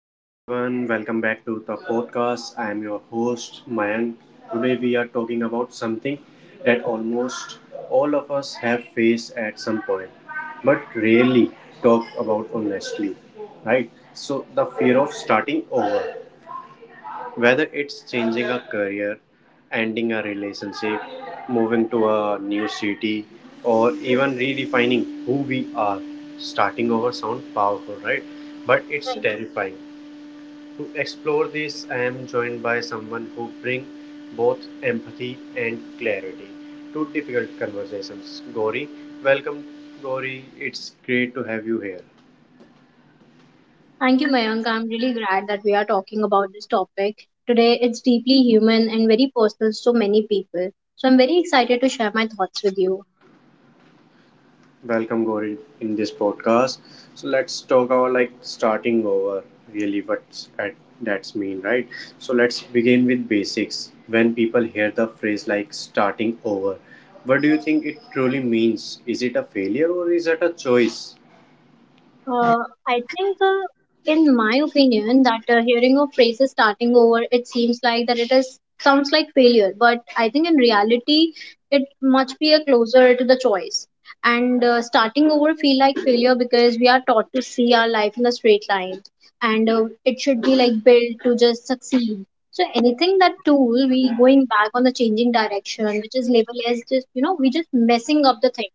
Hello everyone, welcome back to the podcast. I am your host Mayank. Today we are talking about something that almost all of us have faced at some point, but rarely talk about honestly, right? So the fear of starting over, whether it's changing a career, ending a relationship, moving to a new city, or even redefining who we are. Starting over sounds powerful, right? But it's terrifying to explore this, I am joined by someone who brings both empathy and clarity to difficult conversations. Gauri, welcome, Gauri. It's great to have you here. Thank you, Mayank. I'm really glad that we are talking about this topic. Today, it's deeply human and very personal to so many people. So, I'm very excited to share my thoughts with you. Welcome, Gauri, in this podcast. So let's talk about like starting over. Really, what's at that's mean, right? So let's begin with basics. When people hear the phrase like starting over, what do you think it truly means? Is it a failure or is it a choice? I think, in my opinion, that hearing of phrases starting over, it seems like that it is sounds like failure, but I think in reality, it must be a closer to the choice. And Starting over feel like failure because we are taught to see our life in a straight line, and it should be like built to just succeed. So anything that tool we going back on the changing direction, which is labeled as just you know we just messing up the thing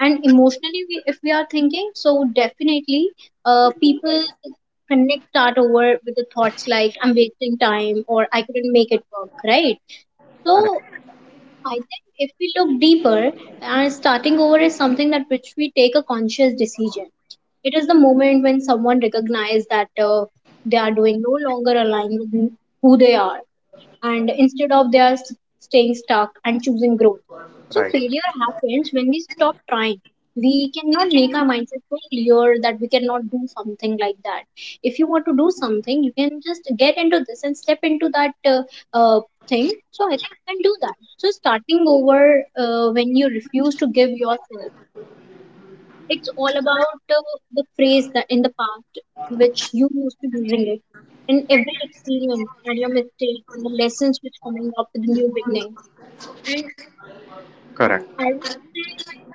and emotionally we, if we are thinking so definitely people connect that over with the thoughts like I'm wasting time or I couldn't make it work, right? So Correct. I think if we look deeper and starting over is something that which we take a conscious decision. It is the moment when someone recognizes that they are doing no longer aligned with who they are, and instead of staying stuck and choosing growth. So Right. failure happens when we stop trying. We cannot make our mindset so clear that we cannot do something like that. If you want to do something you can just get into this and step into that uh, thing. So I think you can do that. So starting over, when you refuse to give yourself, it's all about the phrase that in the past which you used to using it in every experience and your mistakes and the lessons which coming up with the new beginning. And I Correct, would say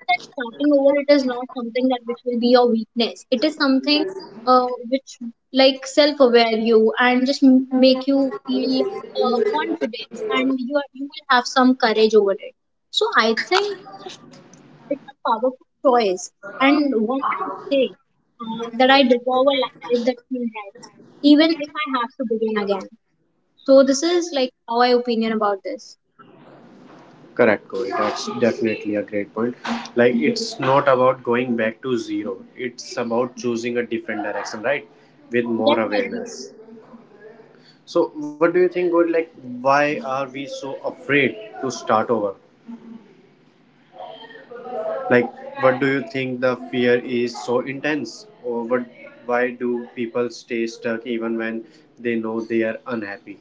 that starting over, it is not something that which will be your weakness. It is something which like self-aware you and make you feel confidence and you are, you will have some courage over it. So I think it's a powerful choice, and one might say that I deserve a life that feels right, even if I have to begin again. So this is like how I opinion about this. correct, Corey. That's definitely a great point. Like, it's not about going back to zero, it's about choosing a different direction, right? With more Definitely. awareness. So, what do you think, Corey? Like, why are we so afraid to start over? Like, what do you think the fear is so intense? Or what, why do people stay stuck even when they know they are unhappy?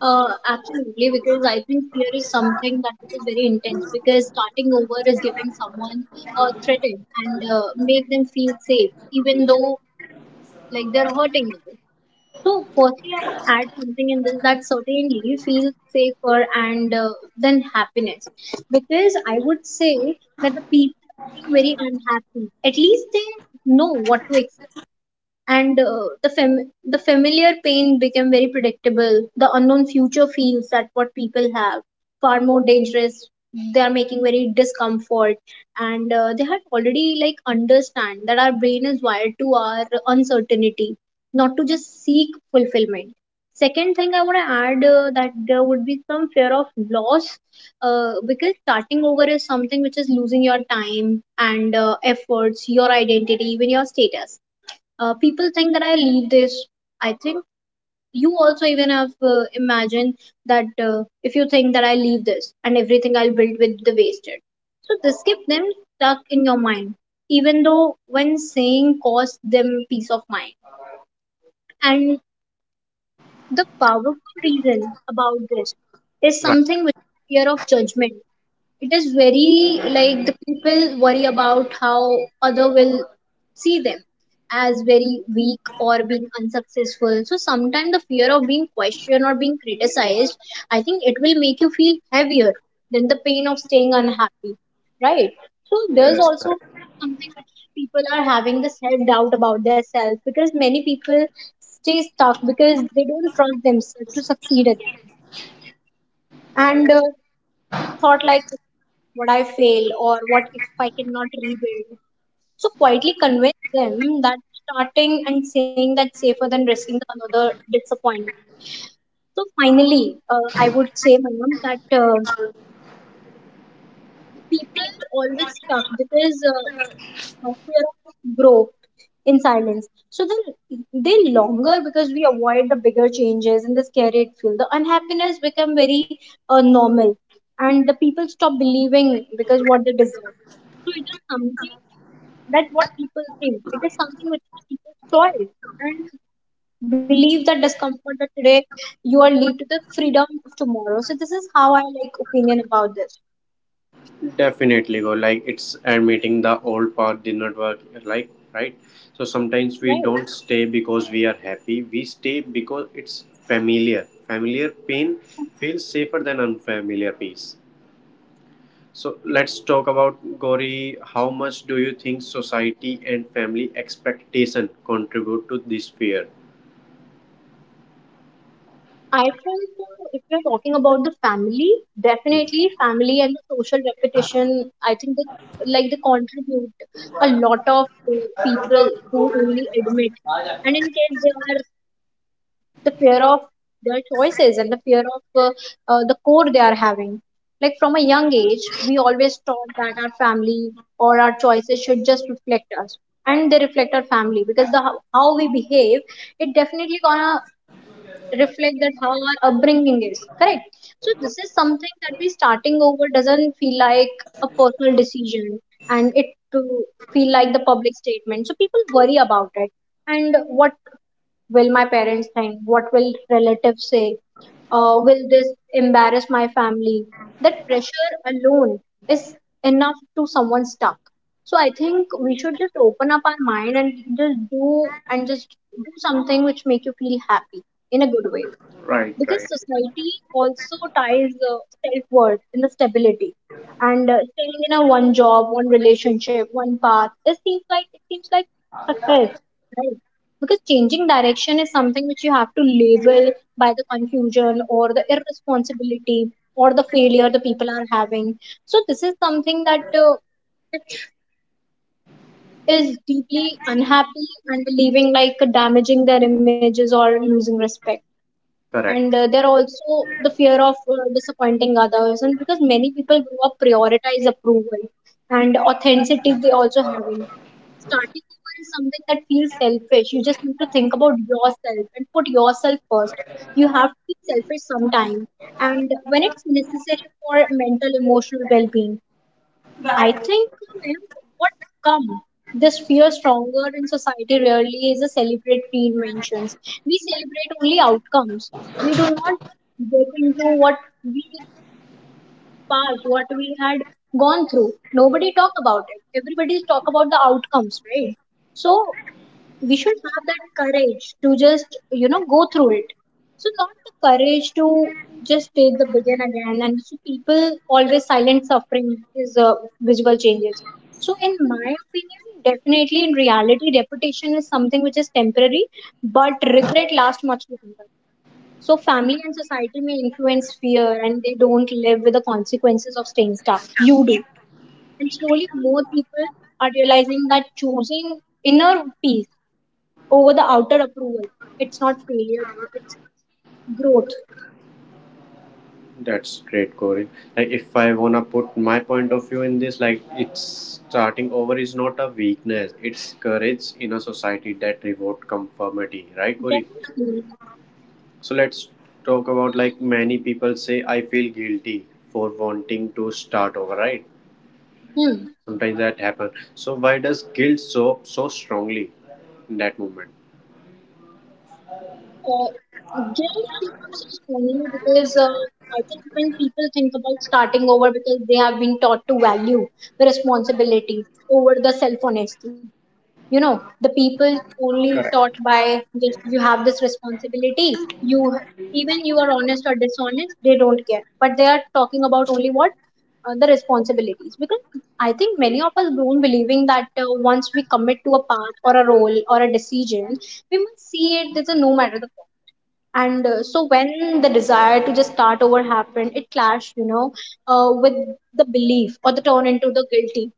Absolutely, because I think fear is something that which is very intense because starting over is giving someone a threaten and make them feel safe, even though like they're hurting us. So, firstly, I want to add something in this that certainly feels safer and than happiness, because I would say that the people are being very unhappy. At least they know what to expect, and the familiar pain became very predictable. The unknown future feels that what people have far more dangerous. They are making very discomfort, and they had already like understand that our brain is wired to our uncertainty, not to just seek fulfillment. Second thing I want to add, that there would be some fear of loss, because starting over is something which is losing your time and efforts, your identity, even your status. People think that I leave this, I think you also even have imagined that if you think that I leave this and everything I'll build with the wasted, so this keep them stuck in your mind, even though when saying cost them peace of mind. And the powerful reason about this is Right. something with fear of judgment. It is very like the people worry about how other will see them as very weak or being unsuccessful. So sometimes the fear of being questioned or being criticized, I think it will make you feel heavier than the pain of staying unhappy, right? So there's Yes, also correct. something which people are having the self doubt about their self, because many people stay stuck because they don't trust themselves to succeed again, and thought like what I fail or what if I cannot rebuild. So quietly convince them that starting and saying that safer than risking another disappointment. So finally, I would say, Manam, that people always stuck because of fear of growth in silence. So then they longer because we avoid the bigger changes and the scary it feel. The unhappiness become very normal, and the people stop believing because what they deserve. So it is something. That's what people think. It is something which is people's choice, and believe that discomfort that today you are lead to the freedom of tomorrow. So this is how I like opinion about this, Definitely go like it's admitting the old path did not work like right, so sometimes we right? don't stay because we are happy, we stay because it's familiar pain feels safer than unfamiliar peace. So let's talk about Gauri. How much do you think society and family expectation contribute to this fear? I think if we are talking about the family, definitely family and the social reputation. I think that like they contribute a lot of people who Right, only admit and in case they the fear of their choices and the fear of the code they are having. Like from a young age, we always taught that our family or our choices should just reflect us, and they reflect our family because the how we behave, it definitely gonna reflect that how our upbringing is correct. So this is something that we starting over doesn't feel like a personal decision and it to feel like the public statement. So people worry about it, and what will my parents think, what will relatives say, will this embarrass my family? That pressure alone is enough to someone stuck. So I think we should just open up our mind and just do something which make you feel happy in a good way. right, Because society also ties self worth in the stability, and staying in a one job, one relationship, one path. It seems like success, right? Because changing direction is something which you have to label by the confusion or the irresponsibility or the failure the people are having. So this is something that is deeply unhappy and believing like damaging their images or losing respect. And correct. there are also the fear of disappointing others, and because many people grow up prioritize approval and authenticity they also having starting over is something that feels selfish. You just need to think about yourself and put yourself first. You have to be selfish sometime and when it's necessary for mental emotional well-being. I think, ma'am, what come this fear stronger in society rarely is a celebrate reinventions. We celebrate only outcomes. We do not get into what we passed, what we had gone through. Nobody talk about it. Everybody talk about the outcomes, right? So we should have that courage to just you know go through it, so not the courage to just take the begin again. And so people always silent suffering is visual changes. So in my opinion definitely in reality reputation is something which is temporary, but regret lasts much longer. So family and society may influence fear and they don't live with the consequences of staying stuck, you do. And slowly more people are realizing that choosing inner peace over the outer approval. It's not failure though, it's growth. That's great, Corey. Like, if I wanna put my point of view in this, like, it's starting over is not a weakness; it's courage in a society that reward conformity, right, Corey? Definitely. So let's talk about like many people say, "I feel guilty for wanting to start over," right? Hmm. Sometimes that happen. So why does guilt show up so strongly in that moment? Uh, Jail sequence is funny because I think when people think about starting over because they have been taught to value the responsibility over the self honesty. You know, the people only taught Correct. by just you have this responsibility even you are honest or dishonest they don't care, but they are talking about only what the responsibilities. Because I think many of us grown believing that once we commit to a path or a role or a decision we must see it as a no matter the cost. And so when the desire to just start over happened it clashed, you know, with the belief or the turn into the guilty,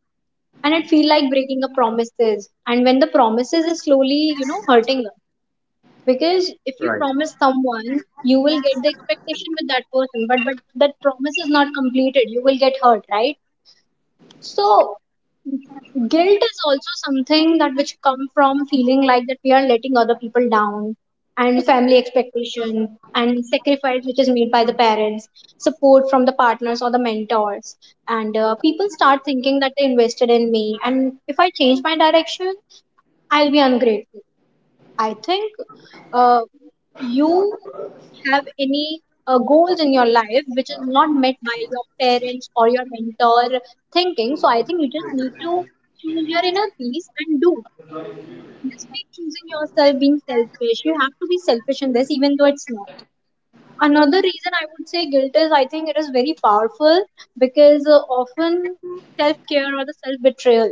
and it feel like breaking a promises, and when the promises is slowly you know hurting them. Because if you Right. promise someone you will get the expectation with that person, but that promise is not completed you will get hurt, right? So guilt is also something that which come from feeling like that we are letting other people down, and family expectation and sacrifice which is made by the parents, support from the partners or the mentors. And people start thinking that they invested in me and if I change my direction I'll be ungrateful. I think uh, you have any goals in your life which is not met by your parents or your mentor thinking. So I think you just need to choose your inner peace and do. Just be choosing yourself, being selfish. You have to be selfish in this, even though it's not. Another reason I would say guilt is I think it is very powerful because often self care or the self betrayal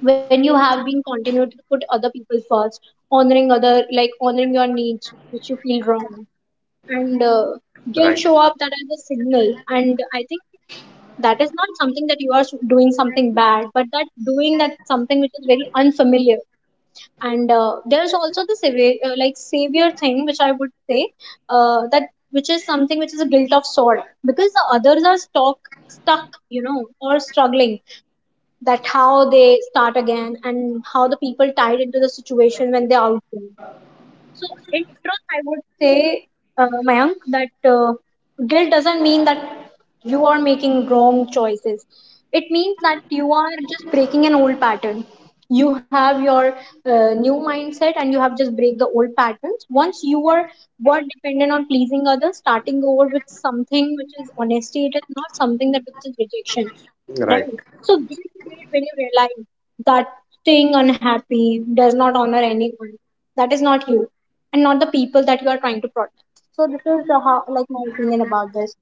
when you have been continued to put other people first honoring other like honoring your needs which you feel wrong and guilt Right. show up that as a signal and I think that is not something that you are doing something bad but that doing that something which is very unfamiliar and there's also the savior, like savior thing which I would say that which is something which is a guilt of sort because the others are stuck you know or struggling that how they start again and how the people tied into the situation when they're out there. So, in truth, I would say, Mayank, that guilt doesn't mean that you are making wrong choices. It means that you are just breaking an old pattern. You have your new mindset and you have just break the old patterns. Once you are were dependent on pleasing others, starting over with something which is honesty, it is not something that which is rejection, right? Right. So guilt is great when you realize that staying unhappy does not honor anyone. That is not you and not the people that you are trying to protect. So this is how, like my opinion about this.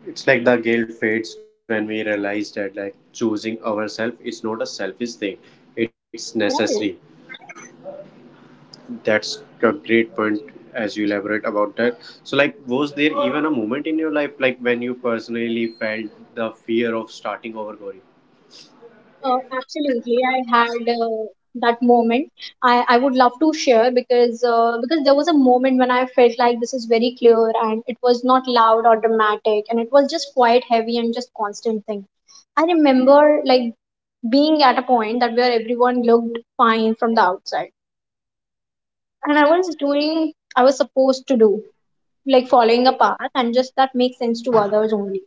It's like the guilt fades when we realize that like choosing ourselves is not a selfish thing. It's necessary. Right. That's a great point as you elaborate about that. So like was there even a moment in your life like when you personally felt the fear of starting over Gauri? Absolutely, I had that moment. I would love to share because there was a moment when I felt like this is very clear and it was not loud or dramatic and it was just quite heavy and just constant thing. I remember like being at a point that where everyone looked fine from the outside and I was supposed to do like following a path and just that makes sense to others only.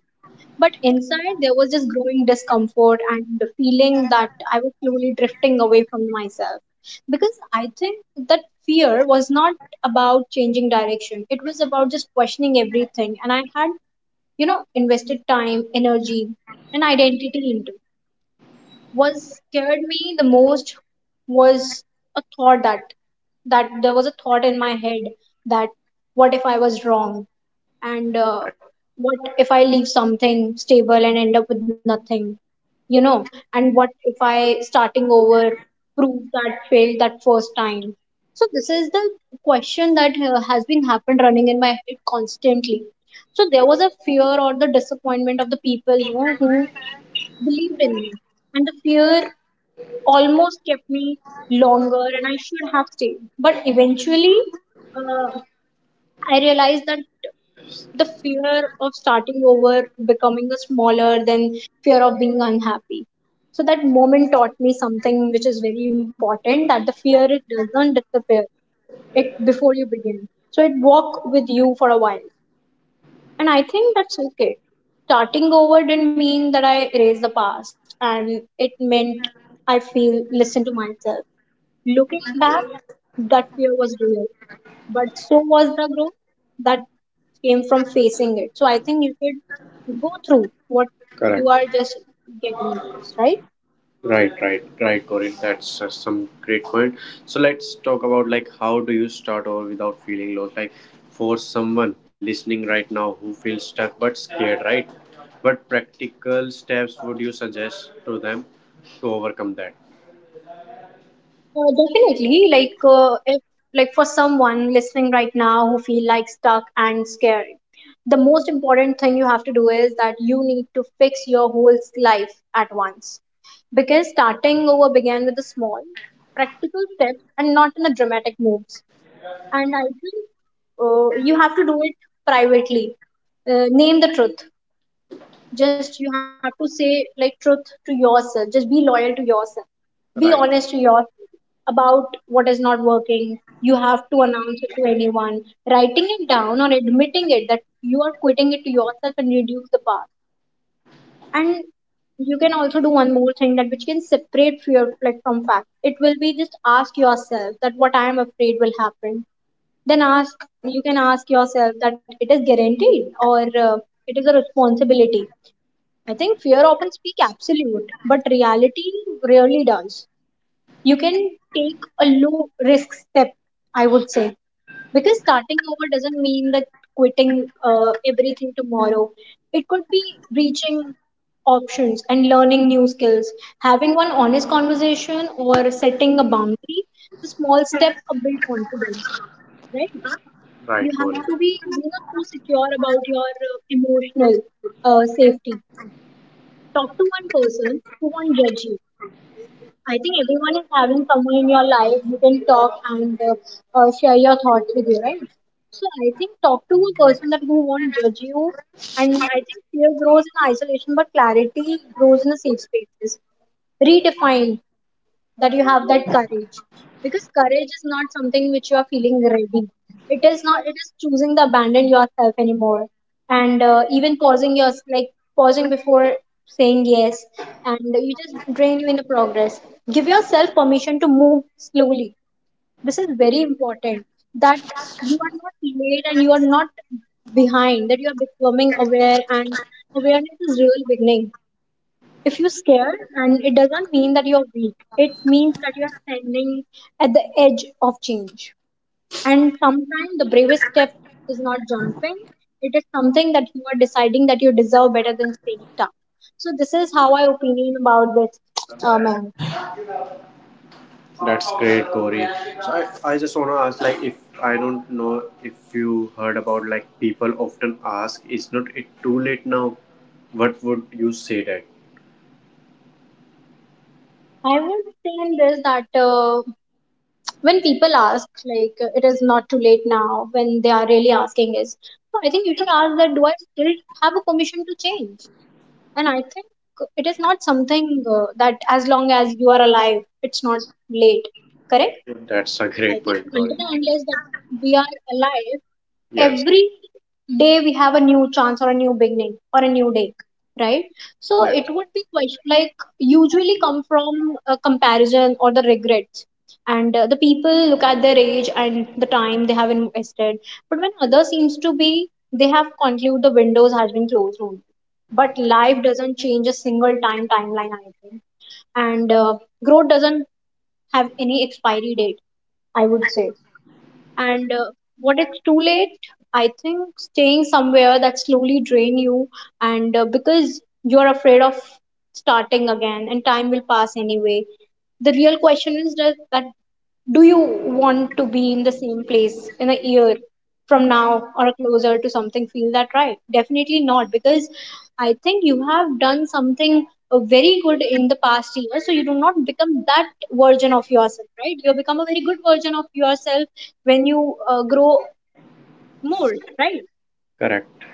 But inside, there was just growing discomfort and the feeling that I was slowly drifting away from myself. Because I think that fear was not about changing direction, it was about just questioning everything. And I had, you know, invested time, energy, and identity into. What scared me the most was a thought that that there was a thought in my head that what if I was wrong? And Right. what if I leave something stable and end up with nothing, you know, and what if I starting over prove that failed that first time. So this is the question that has been happened running in my head constantly. So there was a fear or the disappointment of the people, you know, who believed in me and the fear almost kept me longer and I should have stayed. But eventually uh, I realized that the fear of starting over, becoming a smaller than fear of being unhappy. So that moment taught me something which is very important that the fear it doesn't disappear it before you begin. So it walk with you for a while. And I think that's okay. Starting over didn't mean that I erased the past and it meant I feel listen to myself. Looking back, that fear was real but so was the growth that came from facing it. So I think you should go through what Correct. you are just getting into this, right? Right, right, right, Corin. That's some great point. So let's talk about like how do you start over without feeling lost? Like for someone listening right now who feels stuck but scared, right? What practical steps would you suggest to them to overcome that? Definitely, like if like for someone listening right now who feel like stuck and scared, the most important thing you have to do is that you need to fix your whole life at once. Because starting over began with a small, practical step and not in the dramatic moves. And I think you have to do it privately, name the truth, just you have to say like truth to yourself, just be loyal to yourself, be Right, honest to yourself about what is not working. You have to announce it to anyone, writing it down or admitting it that you are quitting it to yourself and reduce the power. And you can also do one more thing that which can separate fear like from fact. It will be just ask yourself that what I am afraid will happen, then ask, you can ask yourself that it is guaranteed or uh, it is a responsibility. I think fear often speak absolute but reality rarely does. You can take a low risk step, I would say, because starting over doesn't mean that quitting everything tomorrow. It could be reaching options and learning new skills, having one honest conversation or setting a boundary. The small step build confidence, right? You right, have Corin. to be, you know, so secure about your emotional safety. Talk to one person who won't judge you. I think everyone is having someone in your life you can talk and share your thoughts with you, right? So I think talk to a person that who won't judge you. And I think fear grows in isolation but clarity grows in a safe spaces. Redefine that you have that courage because courage is not something which you are feeling ready, it is not, it is choosing to abandon yourself anymore. And even pausing your like pausing before saying yes and you just drain you in the progress. Give yourself permission to move slowly. This is very important that you are not late and you are not behind, that you are becoming aware and awareness is real beginning. If you are scared, and it doesn't mean that you're weak, it means that you're standing at the edge of change. And sometimes the bravest step is not jumping, it is something that you are deciding that you deserve better than staying stuck. So this is how I opinion about this, ma'am. That's great, Corin. So I just want to ask, like, if I don't know if you heard about like people often ask, is not it too late now? What would you say that? I would say in this that when people ask it is not too late now, when they are really asking is, so I think you should ask that do I still have a permission to change. And I think it is not something that as long as you are alive it's not late, correct. That's a I great think point, until Gauri. and unless that we are alive, Yes, every day we have a new chance or a new beginning or a new day, right? So yes, it would be question like usually come from a comparison or the regrets. And the people look at their age and the time they have invested, but when others seems to be, they have conclude the windows has been closed only. But life doesn't change a single time timeline, I think, and growth doesn't have any expiry date. I would say and what it's too late, I think staying somewhere that slowly drain you and because you're afraid of starting again and time will pass anyway. The real question is that, that do you want to be in the same place in a year from now or closer to something feel that, right? Definitely not, because I think you have done something very good in the past year so you do not become that version of yourself, right? You become a very good version of yourself when you grow more, right? correct.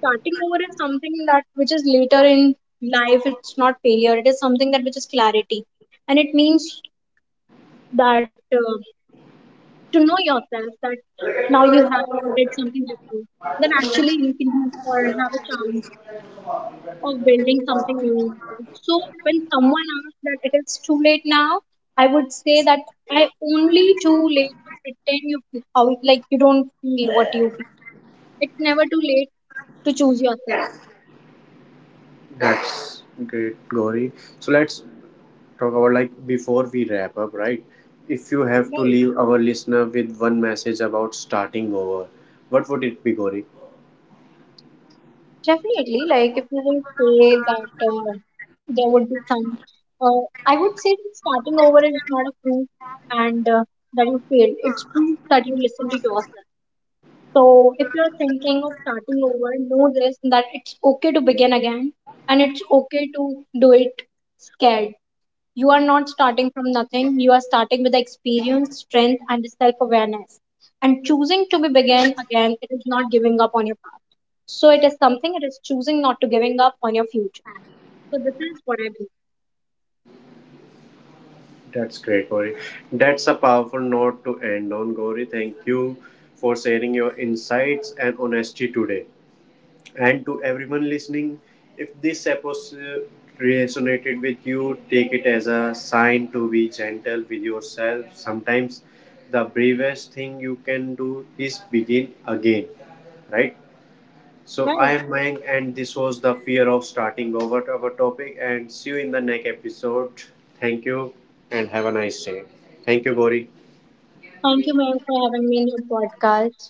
Starting over is something that which is later in life, it's not failure, it is something that which is clarity. And it means that to know yourself that now you have or did something before, then actually you can do or have a chance of building something meaningful. So when someone asks that it is too late now, I would say that I only too late to pretend you feel how like you don't feel what you feel. It's never too late to choose yourself. That's great, Gauri. So let's talk about like before we wrap up, right? If you have to Right. leave our listener with one message about starting over, what would it be, Gauri? Definitely, like if you will say that there would be some, uh, I would say that starting over is not a proof and that you failed. It's proof that you listen to yourself. So if you're thinking of starting over, know this that it's okay to begin again and it's okay to do it scared. You are not starting from nothing. You are starting with the experience, strength, and the self awareness. And choosing to be begin again, it is not giving up on your past. So it is something, it is choosing not to giving up on your future. So this is what I believe. That's great, Gauri. That's a powerful note to end on, Gauri. Thank you for sharing your insights and honesty today. And to everyone listening, if this episode resonated with you, take it as a sign to be gentle with yourself. Sometimes the bravest thing you can do is begin again, right? So I Right. am Mayank, and this was the fear of starting over our topic. And see you in the next episode. Thank you, and have a nice day. Thank you, Gori. Thank you, ma'am, for having me in your podcast.